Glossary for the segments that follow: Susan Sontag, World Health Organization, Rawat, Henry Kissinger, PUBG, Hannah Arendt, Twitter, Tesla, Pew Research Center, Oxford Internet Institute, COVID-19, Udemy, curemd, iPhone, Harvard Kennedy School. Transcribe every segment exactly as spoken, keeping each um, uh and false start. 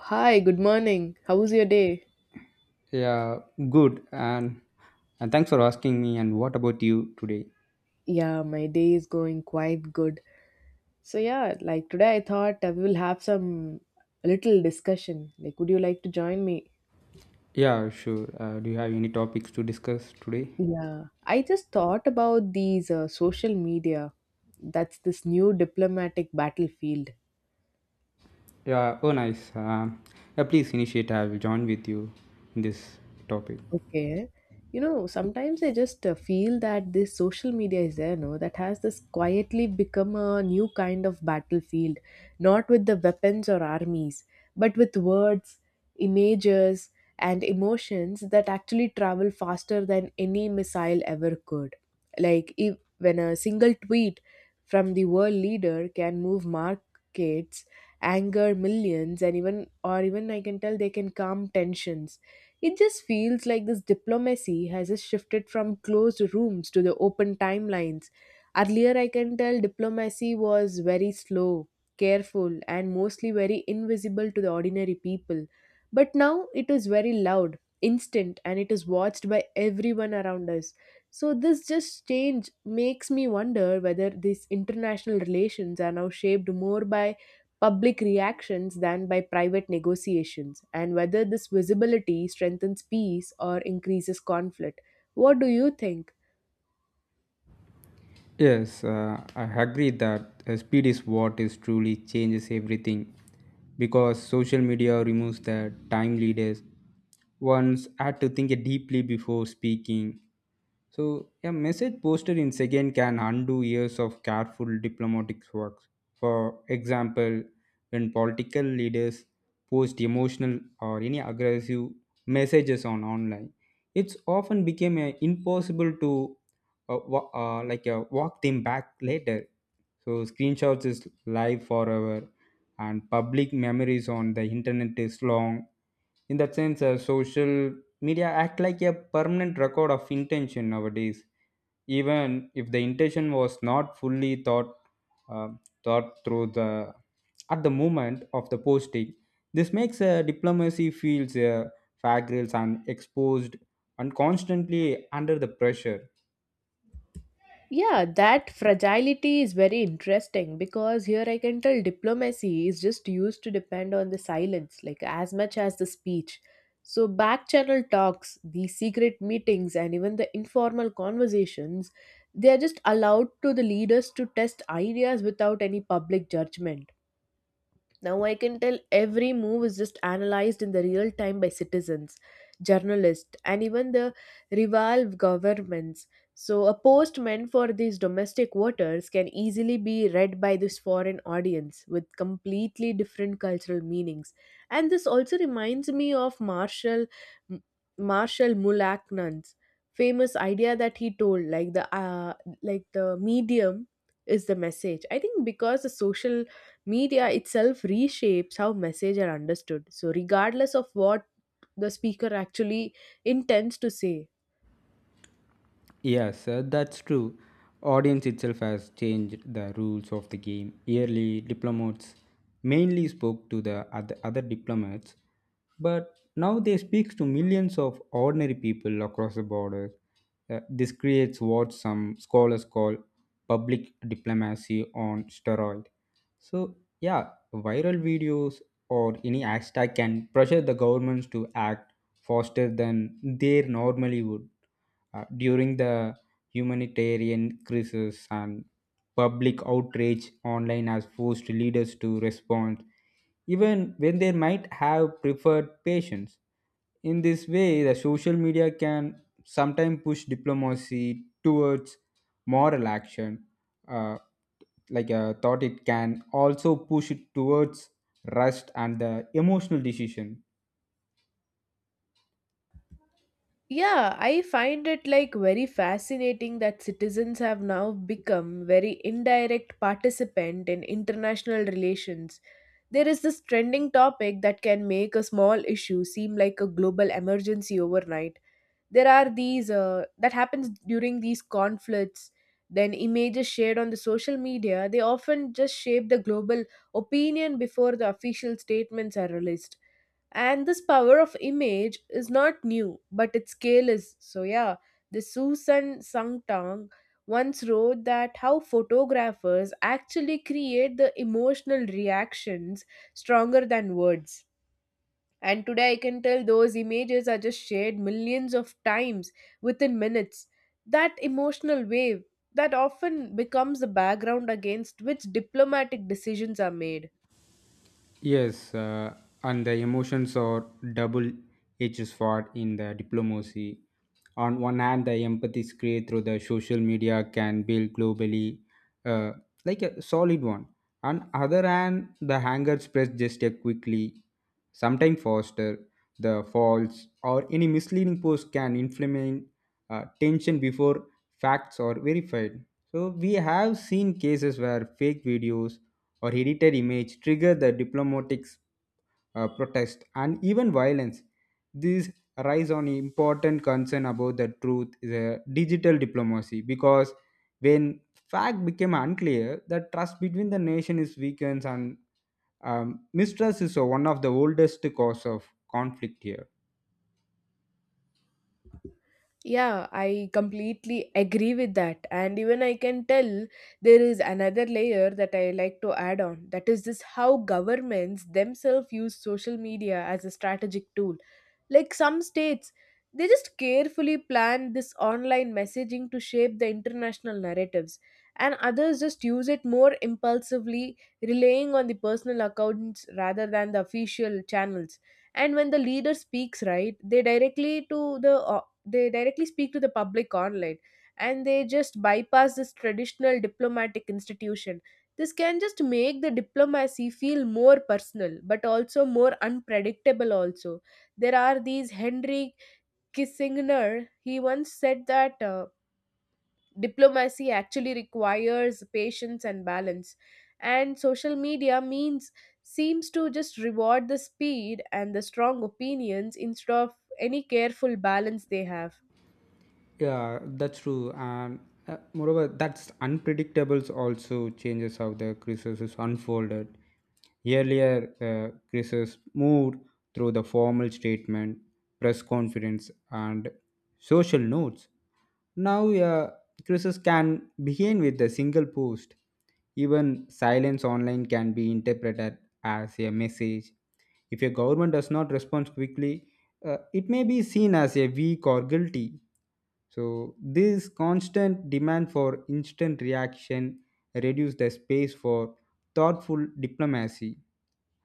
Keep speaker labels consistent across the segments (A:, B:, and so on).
A: Hi, good morning. How was your day?
B: Yeah, good. And and thanks for asking me. And what about you today?
A: Yeah, my day is going quite good. So yeah, like today I thought uh, we will have some little discussion. Like, would you like to join me?
B: Yeah, sure. Uh, do you have any topics to discuss today?
A: Yeah, I just thought about these uh, social media. That's this new diplomatic battlefield.
B: Yeah. Oh, nice. Um yeah, please initiate. I will join with you in this topic.
A: Okay. You know, sometimes I just uh, feel that this social media is there, no, that has this quietly become a new kind of battlefield, not with the weapons or armies, but with words, images, and emotions that actually travel faster than any missile ever could. Like, if, when a single tweet from the world leader can move markets, anger millions, and even, or even I can tell they can calm tensions, it just feels like this diplomacy has just shifted from closed rooms to the open timelines. Earlier, I can tell diplomacy was very slow, careful, and mostly very invisible to the ordinary people. But now it is very loud, instant, and it is watched by everyone around us. So, this just change makes me wonder whether these international relations are now shaped more by public reactions than by private negotiations, and whether this visibility strengthens peace or increases conflict. What do you think?
B: Yes, uh, I agree that uh, speed is what is truly changes everything because social media removes the time leaders. One's had to think deeply before speaking. So a message posted in second can undo years of careful diplomatic work. For example, when political leaders post emotional or any aggressive messages on online, it's often became uh, impossible to uh, wa- uh, like uh, walk them back later. So screenshots is live forever, and public memories on the internet is long. In that sense, uh, social media act like a permanent record of intention nowadays. Even if the intention was not fully thought uh, thought through the at the moment of the posting, this makes uh, diplomacy feels uh, fragile and exposed and constantly under the pressure.
A: Yeah, that fragility is very interesting because here I can tell diplomacy is just used to depend on the silence, like as much as the speech. So, back channel talks, the secret meetings, and even the informal conversations, they are just allowed to the leaders to test ideas without any public judgment. Now I can tell every move is just analyzed in the real time by citizens, journalists, and even the rival governments. So a post meant for these domestic voters can easily be read by this foreign audience with completely different cultural meanings. And this also reminds me of Marshall Marshall Mulaknan's famous idea that he told, like the uh, like the medium is the message. I think because the social media itself reshapes how message are understood. So regardless of what the speaker actually intends to say.
B: Yes, uh, that's true. Audience itself has changed the rules of the game. Early diplomats mainly spoke to the other, other diplomats, but now they speak to millions of ordinary people across the borders. Uh, this creates what some scholars call public diplomacy on steroid. So, yeah, viral videos or any hashtag can pressure the governments to act faster than they normally would uh, during the humanitarian crisis and public outrage online has forced leaders to respond even when they might have preferred patience in this way the social media can sometimes push diplomacy towards moral action uh, like I thought it can also push it towards rust and the emotional decision.
A: Yeah, I find it like very fascinating that citizens have now become very indirect participant in international relations. There is this trending topic that can make a small issue seem like a global emergency overnight. There are these uh, that happens during these conflicts, then images shared on the social media, they often just shape the global opinion before the official statements are released. And this power of image is not new, but its scale is so, yeah, the Susan Sangtang once wrote that how photographers actually create the emotional reactions stronger than words, and today I can tell those images are just shared millions of times within minutes. That emotional wave that often becomes the background against which diplomatic decisions are made.
B: Yes, uh, and the emotions are double-edged sword in the diplomacy. On one hand, the empathy is created through the social media can build globally, uh, like a solid one. On other hand, the anger spreads just a quickly, sometimes faster. The false or any misleading post can inflame uh, tension before facts are verified. So we have seen cases where fake videos or edited image trigger the diplomatic uh, protest and even violence. This rise on important concern about the truth is a digital diplomacy because when fact became unclear, the trust between the nation is weakens and um, mistrust is one of the oldest cause of conflict here.
A: Yeah, I completely agree with that. And even I can tell there is another layer that I like to add on. That is this: how governments themselves use social media as a strategic tool. Like some states, they just carefully plan this online messaging to shape the international narratives, and others just use it more impulsively, relying on the personal accounts rather than the official channels. And when the leader speaks right, they directly to the uh, they directly speak to the public online, and they just bypass this traditional diplomatic institution. This can just make the diplomacy feel more personal but also more unpredictable. Also, there are these henry Kissinger, he once said that uh, diplomacy actually requires patience and balance, and social media means seems to just reward the speed and the strong opinions instead of any careful balance they have.
B: Yeah, that's true. And uh, moreover, that's unpredictables also changes how the crisis is unfolded. Earlier, the crisis moved through the formal statement, press conference, and social notes. Now, uh, crisis can begin with a single post. Even silence online can be interpreted as a message. If a government does not respond quickly, uh, it may be seen as a weak or guilty. So, this constant demand for instant reaction reduced the space for thoughtful diplomacy.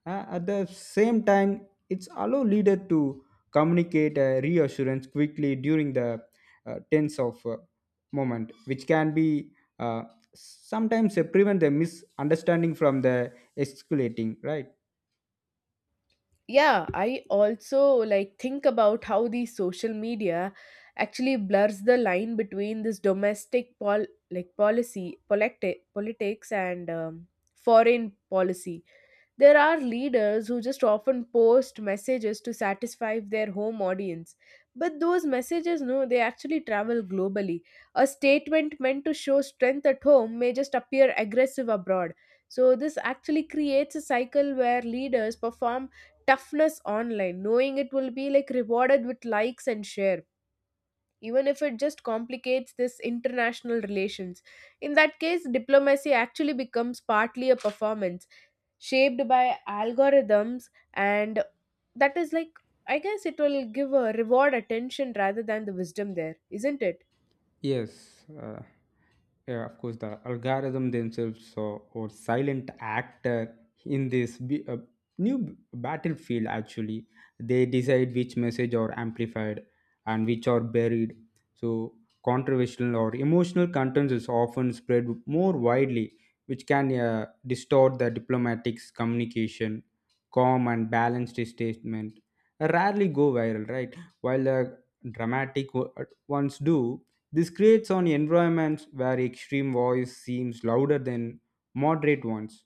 B: Uh, at the same time, it's allow leader to communicate a reassurance quickly during the uh, tense of uh, moment, which can be uh, sometimes uh, prevent the misunderstanding from the escalating, right?
A: Yeah, i also like think about how the social media actually blurs the line between this domestic pol like policy politi- politics and um, foreign policy. There are leaders who just often post messages to satisfy their home audience. But those messages, no, they actually travel globally. A statement meant to show strength at home may just appear aggressive abroad. So, this actually creates a cycle where leaders perform toughness online, knowing it will be like rewarded with likes and share, even if it just complicates this international relations. In that case, diplomacy actually becomes partly a performance shaped by algorithms, and that is like, i guess it will give a reward attention rather than the wisdom, there isn't it?
B: Yes, uh, yeah, of course, the algorithm themselves so, or silent actor in this b- uh, new b- battlefield actually they decide which message are amplified and which are buried. So controversial or emotional contents is often spread more widely, which can uh, distort the diplomatic's communication. Calm and balanced statement rarely go viral, right? While the dramatic o- ones do this creates an environment where extreme voice seems louder than moderate ones.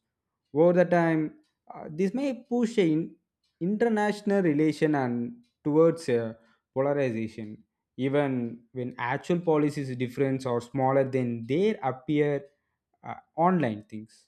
B: Over the time, uh, this may push an international relation and towards a polarization, even when actual policies difference or smaller than they appear uh, online things.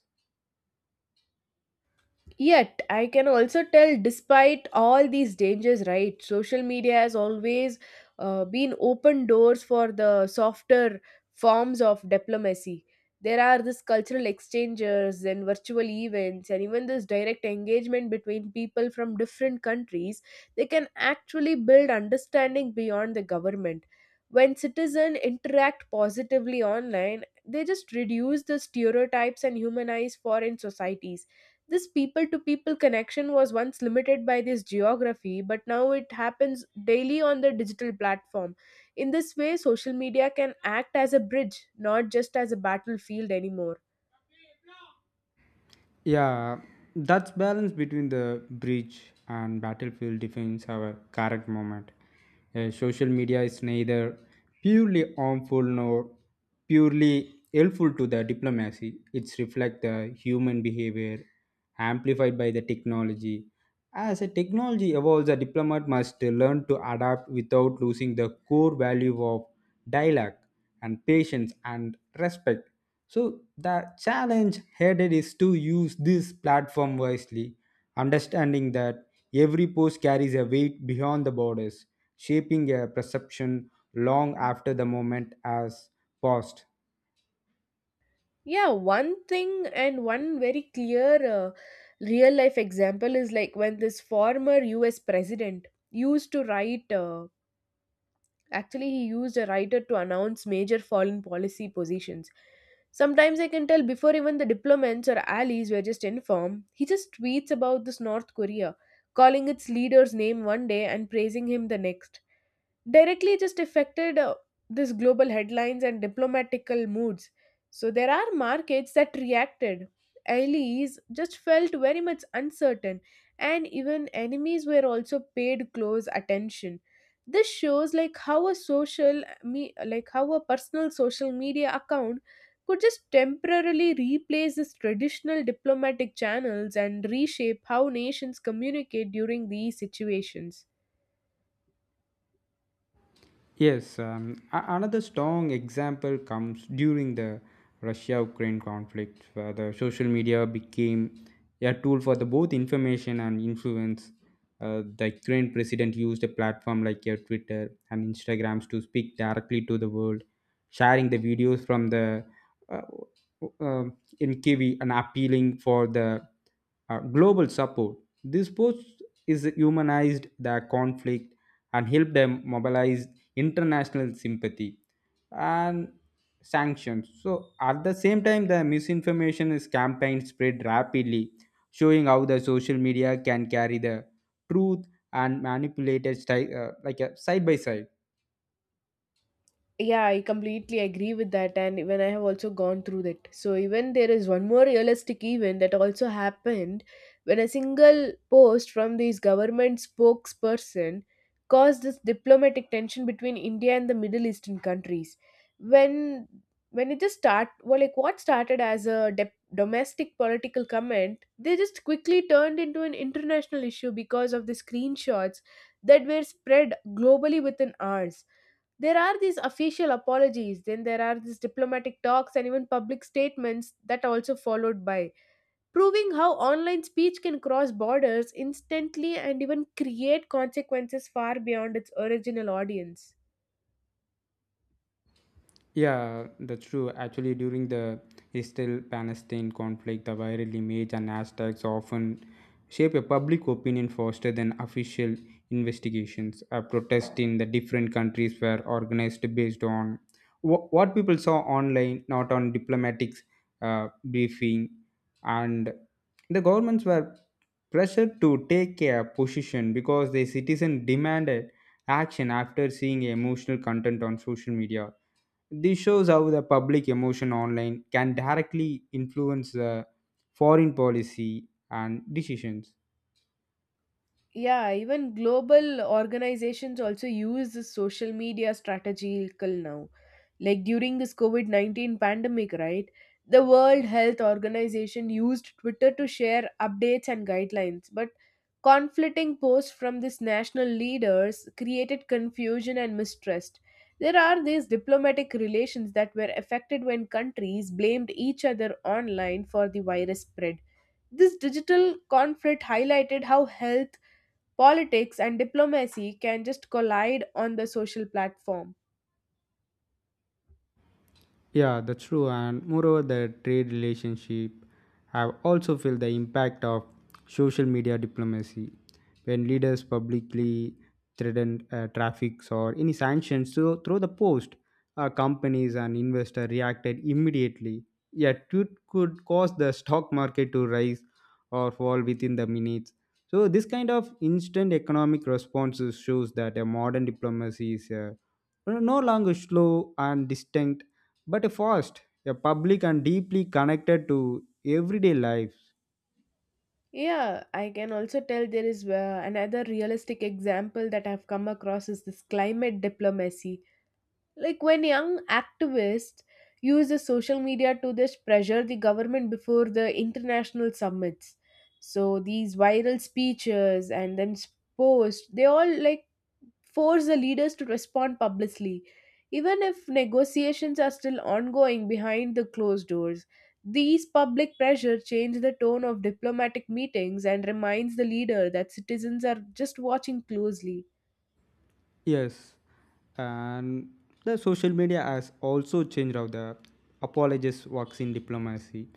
A: Yet, I can also tell despite all these dangers, right? Social media has always uh, been open doors for the softer forms of diplomacy. There are this cultural exchanges and virtual events, and even this direct engagement between people from different countries. They can actually build understanding beyond the government. When citizens interact positively online, they just reduce the stereotypes and humanize foreign societies. This people to people connection was once limited by this geography, but now it happens daily on the digital platform. In this way, social media can act as a bridge, not just as a battlefield anymore.
B: Yeah, that's balance between the bridge and battlefield defines our current moment. Uh, social media is neither purely harmful nor purely helpful to the diplomacy. It's reflect the human behavior amplified by the technology. As a technology evolves, a diplomat must learn to adapt without losing the core value of dialogue and patience and respect so the challenge headed is to use this platform wisely, understanding that every post carries a weight beyond the borders, shaping a perception long after the moment has passed.
A: Yeah, one thing and one very clear uh, real life example is like when this former U S president used to write. Uh, Actually, he used a writer to announce major foreign policy positions. Sometimes I can tell before even the diplomats or allies were just informed, he just tweets about this North Korea, calling its leader's name one day and praising him the next, directly just affected uh, this global headlines and diplomatical moods. So there are markets that reacted. Allies just felt very much uncertain, and even enemies were also paid close attention. This shows like how a social me like how a personal social media account could just temporarily replace these traditional diplomatic channels and reshape how nations communicate during these situations.
B: Yes, um, a- another strong example comes during the Russia Ukraine conflict, where the social media became a tool for the both information and influence. Uh, the Ukraine president used a platform like your Twitter and Instagrams to speak directly to the world, sharing the videos from the uh, uh, um, in Kiev and appealing for the uh, global support. This post is humanized the conflict and helped them mobilize international sympathy and sanctions. So, at the same time, the misinformation is campaign spread rapidly, showing how the social media can carry the truth and manipulated side, uh, like a side by side.
A: Yeah, I completely agree with that, and even I have also gone through that. So, even there is one more realistic event that also happened when a single post from this government spokesperson caused this diplomatic tension between India and the Middle Eastern countries. When when it just start well, like what started as a dep domestic political comment, they just quickly turned into an international issue because of the screenshots that were spread globally within hours. There are these official apologies, then there are these diplomatic talks and even public statements that are also followed by, proving how online speech can cross borders instantly and even create consequences far beyond its original audience.
B: Yeah, that's true. Actually, during the Israel-Palestine conflict, the viral image and hashtags often shape a public opinion faster than official investigations. A protests in the different countries were organized based on wh- what people saw online, not on diplomatic uh, briefing, and the governments were pressured to take a position because the citizen demanded action after seeing emotional content on social media this shows how the public emotion online can directly influence the foreign policy and decisions.
A: Yeah, even global organizations also use this social media strategical now. Like during this COVID nineteen pandemic, right? The World Health Organization used Twitter to share updates and guidelines, but conflicting posts from these national leaders created confusion and mistrust. There are these diplomatic relations that were affected when countries blamed each other online for the virus spread. This digital conflict highlighted how health, politics, and diplomacy can just collide on the social platform.
B: Yeah, that's true. And moreover, the trade relationship have also felt the impact of social media diplomacy when leaders publicly threaten uh, traffics or any sanctions so through the post uh, companies and investors reacted immediately yet it could cause the stock market to rise or fall within the minutes. So this kind of instant economic responses shows that a modern diplomacy is uh, no no longer slow and distinct, but a fast, a public and deeply connected to everyday life.
A: Yeah, I can also tell there is uh, another realistic example that I've come across is this climate diplomacy. Like when young activists use the social media to just pressure the government before the international summits. So these viral speeches and then s- posts, they all like force the leaders to respond publicly. Even if negotiations are still ongoing behind the closed doors, these public pressure change the tone of diplomatic meetings and reminds the leader that citizens are just watching closely.
B: Yes, and the social media has also changed how the apologist works in diplomacy.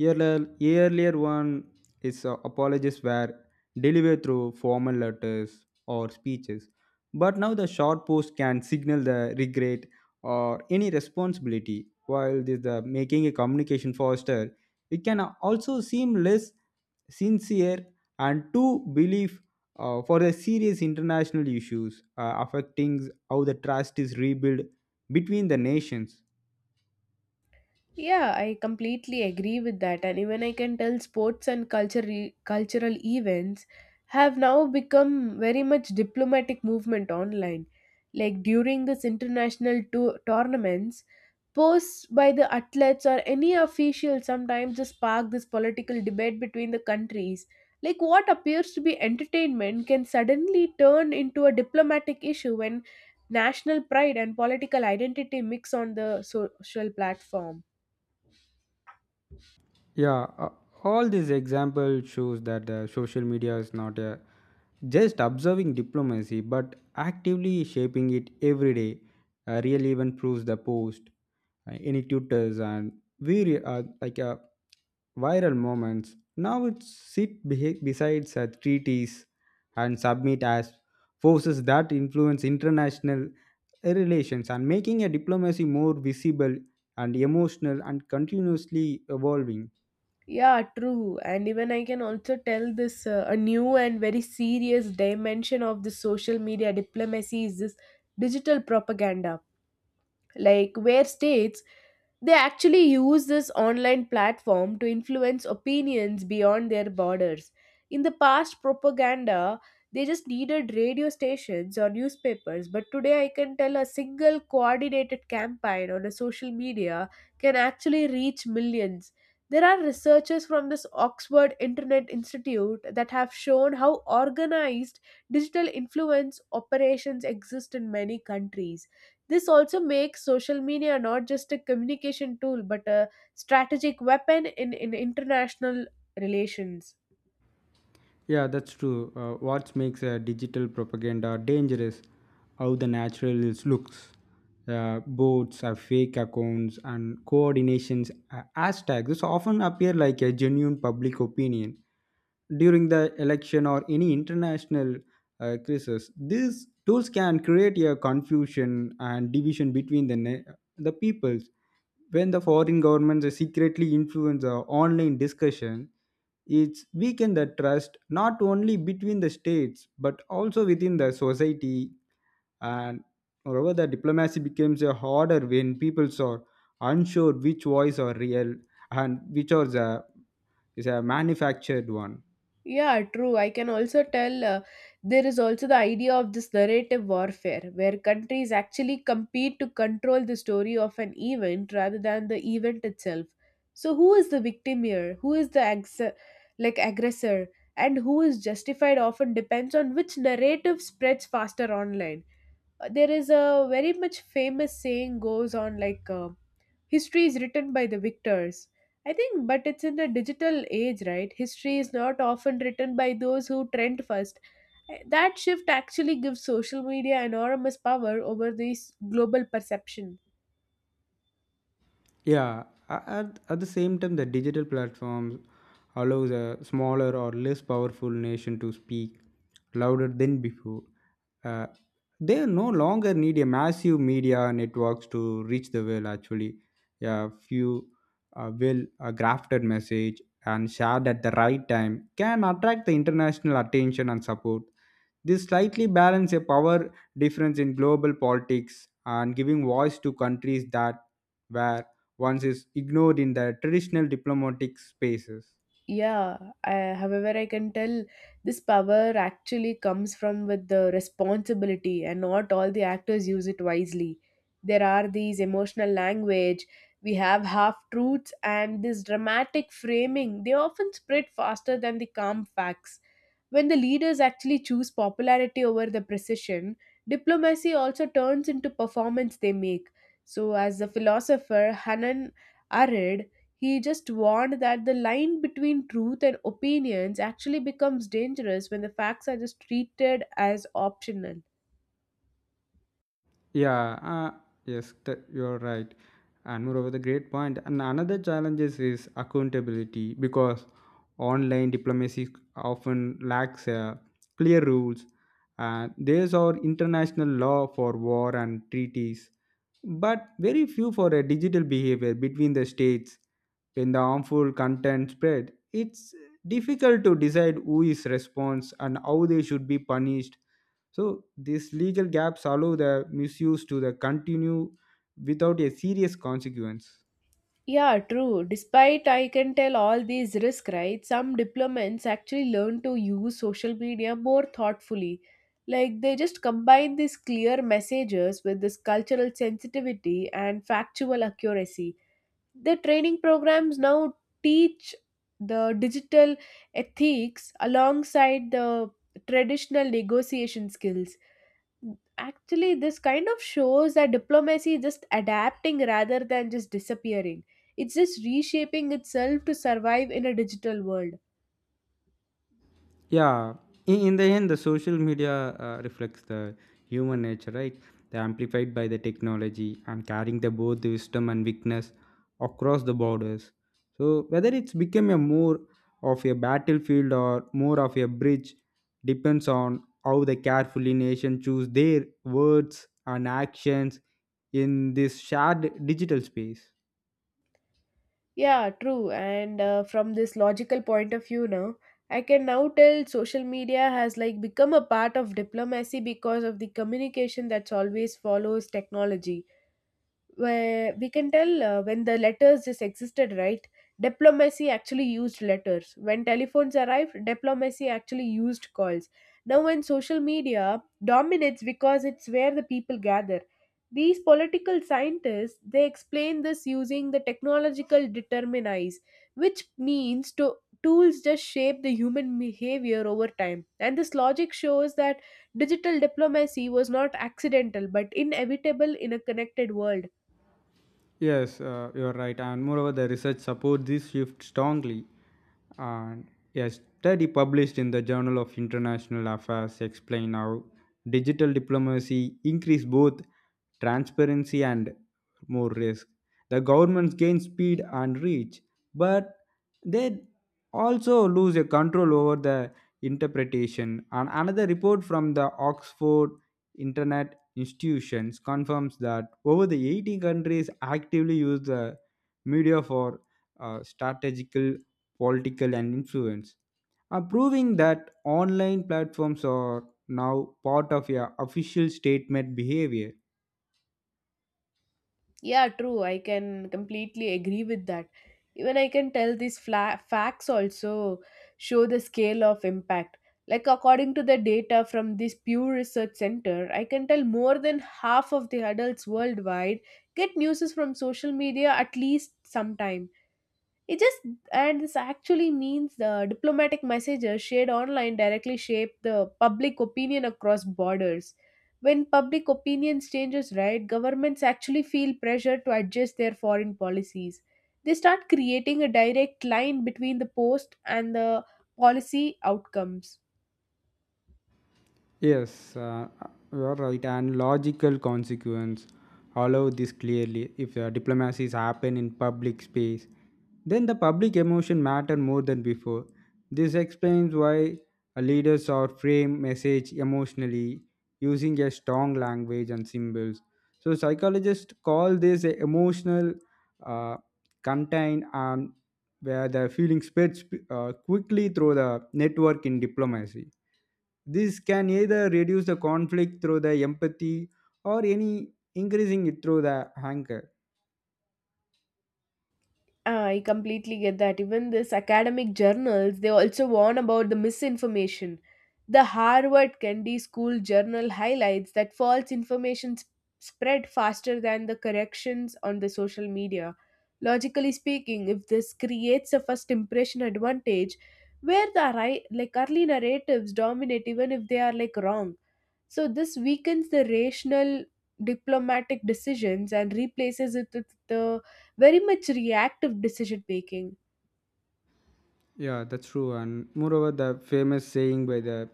B: Earlier, earlier one is uh, apologists were delivered through formal letters or speeches, but now the short post can signal the regret or any responsibility. While this the making a communication faster, it can also seem less sincere and to believe uh, for the serious international issues uh, affecting how the trust is rebuilt between the nations.
A: Yeah, I completely agree with that. And even I can tell sports and culture cultural events have now become very much diplomatic movement online. Like during this international to- tournaments, posts by the athletes or any official sometimes just spark this political debate between the countries. Like what appears to be entertainment can suddenly turn into a diplomatic issue when national pride and political identity mix on the so-, social platform.
B: Yeah, uh, all these examples shows that uh, social media is not uh, just observing diplomacy, but actively shaping it every day. Uh, real even proves the post, uh, any tutors, and we uh, like uh, viral moments. Now it sit be- beside such treaties and submit as forces that influence international relations and making a diplomacy more visible and emotional and continuously evolving.
A: Yeah, true. And even I can also tell this uh, a new and very serious dimension of the social media diplomacy is this digital propaganda, like where states, they actually use this online platform to influence opinions beyond their borders. In the past, propaganda they just needed radio stations or newspapers, but today I can tell a single coordinated campaign on a social media can actually reach millions. There are researchers from this Oxford Internet Institute that have shown how organized digital influence operations exist in many countries. This also makes social media not just a communication tool but a strategic weapon in, in international relations.
B: Yeah, that's true. Uh, what makes uh, digital propaganda dangerous? How the natural is looks. Uh, bots, uh, fake accounts, and coordinations, uh, hashtags often appear like a genuine public opinion during the election or any international uh, crisis. These tools can create a confusion and division between the ne- the peoples when the foreign governments secretly influence the online discussion, it's weaken the trust not only between the states but also within the society. And moreover, the diplomacy becomes a harder when people are unsure which voice are real and which are the is a manufactured one.
A: Yeah, true. I can also tell uh, there is also the idea of this narrative warfare where countries actually compete to control the story of an event rather than the event itself. So, who is the victim here? Who is the ex- like aggressor? And who is justified often depends on which narrative spreads faster online. Uh, there is a very much famous saying goes on like uh, history is written by the victors, I think. But it's in a digital age, right? History is not often written by those who trend first. Uh, that shift actually gives social media enormous power over this global perception.
B: Yeah, a- at, at the same time, the digital platforms allows a smaller or less powerful nation to speak louder than before. Uh, they no longer need a massive media networks to reach the world. Actually, yeah, few uh, well uh, crafted message and shared at the right time can attract the international attention and support. This slightly balances a power difference in global politics and giving voice to countries that were once is ignored in the traditional diplomatic spaces.
A: Yeah, I, however, I can tell this power actually comes from with the responsibility, and not all the actors use it wisely. There are these emotional language, we have half truths, and this dramatic framing. They often spread faster than the calm facts. When the leaders actually choose popularity over the precision, diplomacy also turns into performance they make. So, as a philosopher, Hanan Arid, he just warned that the line between truth and opinions actually becomes dangerous when the facts are just treated as optional.
B: Yeah, uh, yes, th- you're right. And moreover, the great point. And another challenge is is accountability because online diplomacy often lacks uh, clear rules. Uh, there's our international law for war and treaties, but very few for a digital behavior between the states. When the harmful content spread, it's difficult to decide who is response and how they should be punished. So these legal gaps allow the misuse to the continue without a serious consequence.
A: Yeah, true. Despite I can tell all these risks, right? Some diplomats actually learn to use social media more thoughtfully. Like they just combine these clear messages with this cultural sensitivity and factual accuracy. The training programs now teach the digital ethics alongside the traditional negotiation skills. Actually, this kind of shows that diplomacy is just adapting rather than just disappearing. It's just reshaping itself to survive in a digital world.
B: Yeah, in, in the end, the social media uh, reflects the human nature, right? They amplified by the technology and carrying the both wisdom and weakness across the borders. So whether it's become a more of a battlefield or more of a bridge depends on how the carefully nation choose their words and actions in this shared digital space.
A: Yeah, true. And uh, from this logical point of view now, I can now tell social media has like become a part of diplomacy because of the communication that's always follows technology. Where we can tell uh, when the letters just existed, right? Diplomacy actually used letters. When telephones arrived, diplomacy actually used calls. Now when social media dominates, because it's where the people gather, these political scientists they explain this using the technological determinism, which means to tools just shape the human behavior over time. And this logic shows that digital diplomacy was not accidental but inevitable in a connected world.
B: Yes, uh, you're right. And moreover, the research supports this shift strongly. And a study published in the Journal of International Affairs explain how digital diplomacy increase both transparency and more risk. The governments gain speed and reach, but they also lose a control over the interpretation. And another report from the Oxford Internet institutions confirms that over the eighty countries actively use the media for uh, strategical, political, and influence, uh, proving that online platforms are now part of your official statement behavior.
A: Yeah, true. I can completely agree with that. Even I can tell these fla- facts also show the scale of impact. Like, according to the data from this Pew Research Center, I can tell more than half of the adults worldwide get news from social media at least sometime. It just And this actually means the diplomatic messages shared online directly shape the public opinion across borders. When public opinion changes, right, governments actually feel pressure to adjust their foreign policies. They start creating a direct line between the post and the policy outcomes.
B: Yes, uh, you are right. And logical consequence. Allow this clearly. If uh, diplomacies happen in public space, then the public emotion matter more than before. This explains why uh, leaders are frame message emotionally using a strong language and symbols. So psychologists call this a emotional uh, contain and where the feeling spreads uh, quickly through the network in diplomacy. This can either reduce the conflict through the empathy or any increasing it through the anger.
A: Ah, I completely get that. Even this academic journals, they also warn about the misinformation. The Harvard Kennedy School Journal highlights that false information sp- spread faster than the corrections on the social media. Logically speaking, if this creates a first impression advantage, where the ri- like early narratives dominate even if they are like wrong. So this weakens the rational diplomatic decisions and replaces it with the very much reactive decision making.
B: Yeah, that's true. And moreover, the famous saying by the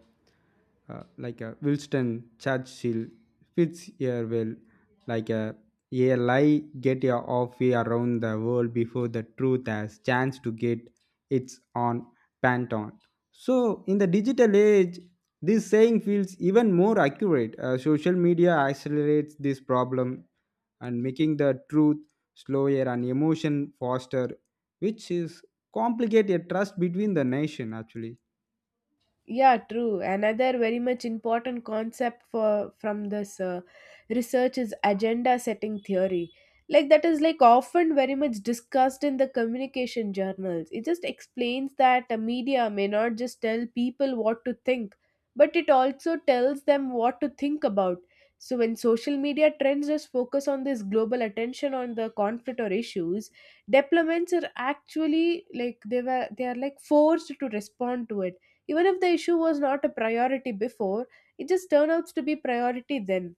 B: uh, like a Winston Churchill fits your will like a a lie get your off way around the world before the truth has chance to get its own panton. So in the digital age, this saying feels even more accurate. Uh, social media accelerates this problem and making the truth slower and emotion faster, which is complicate a trust between the nation actually.
A: Yeah, true. Another very much important concept for from this uh, research is agenda setting theory. Like that is like often very much discussed in the communication journals. It just explains that the media may not just tell people what to think, but it also tells them what to think about. So when social media trends just focus on this global attention on the conflict or issues, diplomats are actually like they were they are like forced to respond to it even if the issue was not a priority before. It just turns out to be priority then.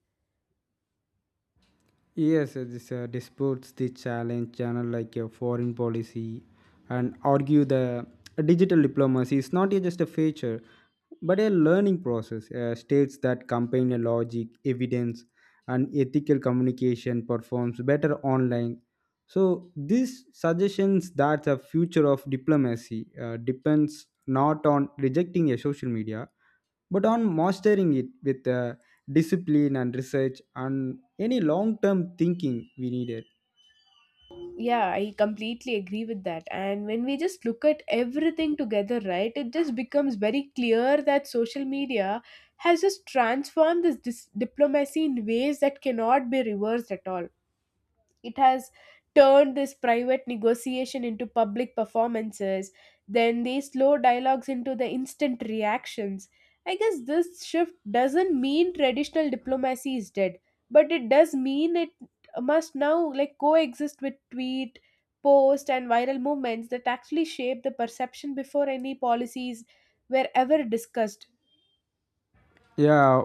B: Yes, uh, this uh, disputes the challenge channel like a foreign policy and argue the uh, digital diplomacy is not a- just a feature but a learning process. Uh, states that combine a logic, evidence, and ethical communication performs better online. So this suggestions that the future of diplomacy uh, depends not on rejecting a social media but on mastering it with uh, discipline and research and any long term thinking we needed.
A: Yeah, I completely agree with that. And when we just look at everything together, right, it just becomes very clear that social media has just transformed this, this diplomacy in ways that cannot be reversed at all. It has turned this private negotiation into public performances, then these slow dialogues into the instant reactions. I guess this shift doesn't mean traditional diplomacy is dead, but it does mean it must now like coexist with tweet, post and viral movements that actually shape the perception before any policies were ever discussed.
B: Yeah,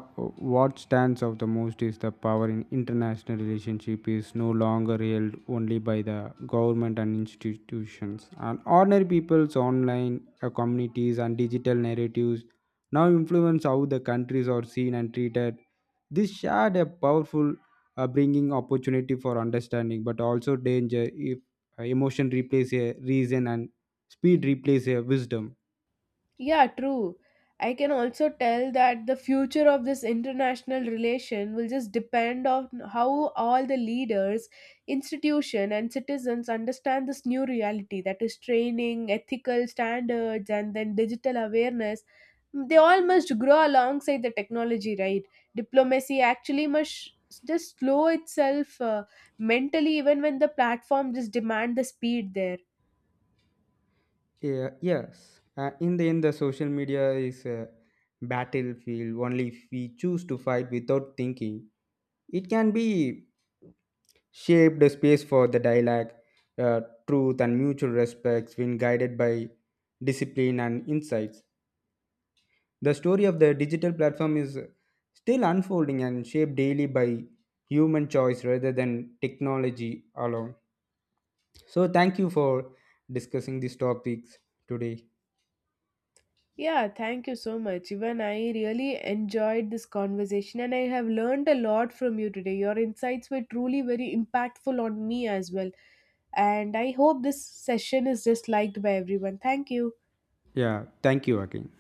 B: what stands out the most is the power in international relationship is no longer held only by the government and institutions. And ordinary people's online uh, communities and digital narratives now influence how the countries are seen and treated. This shared a powerful uh, bringing opportunity for understanding, but also danger if uh, emotion replaces a reason and speed replaces a wisdom.
A: Yeah, true. I can also tell that the future of this international relation will just depend on how all the leaders, institution and citizens understand this new reality, that is training, ethical standards and then digital awareness. Mm, they all must grow alongside the technology, right? Diplomacy actually must just slow itself uh, mentally even when the platform just demand the speed there.
B: Yeah, yes. Uh, in the end, the social media is a battlefield only if we choose to fight without thinking. It can be shaped a space for the dialogue, uh, truth, and mutual respects when guided by discipline and insights. The story of the digital platform is still unfolding and shaped daily by human choice rather than technology alone. So, thank you for discussing these topics today.
A: Yeah, thank you so much. Even I really enjoyed this conversation and I have learned a lot from you today. Your insights were truly very impactful on me as well. And I hope this session is just liked by everyone. Thank you.
B: Yeah, thank you again.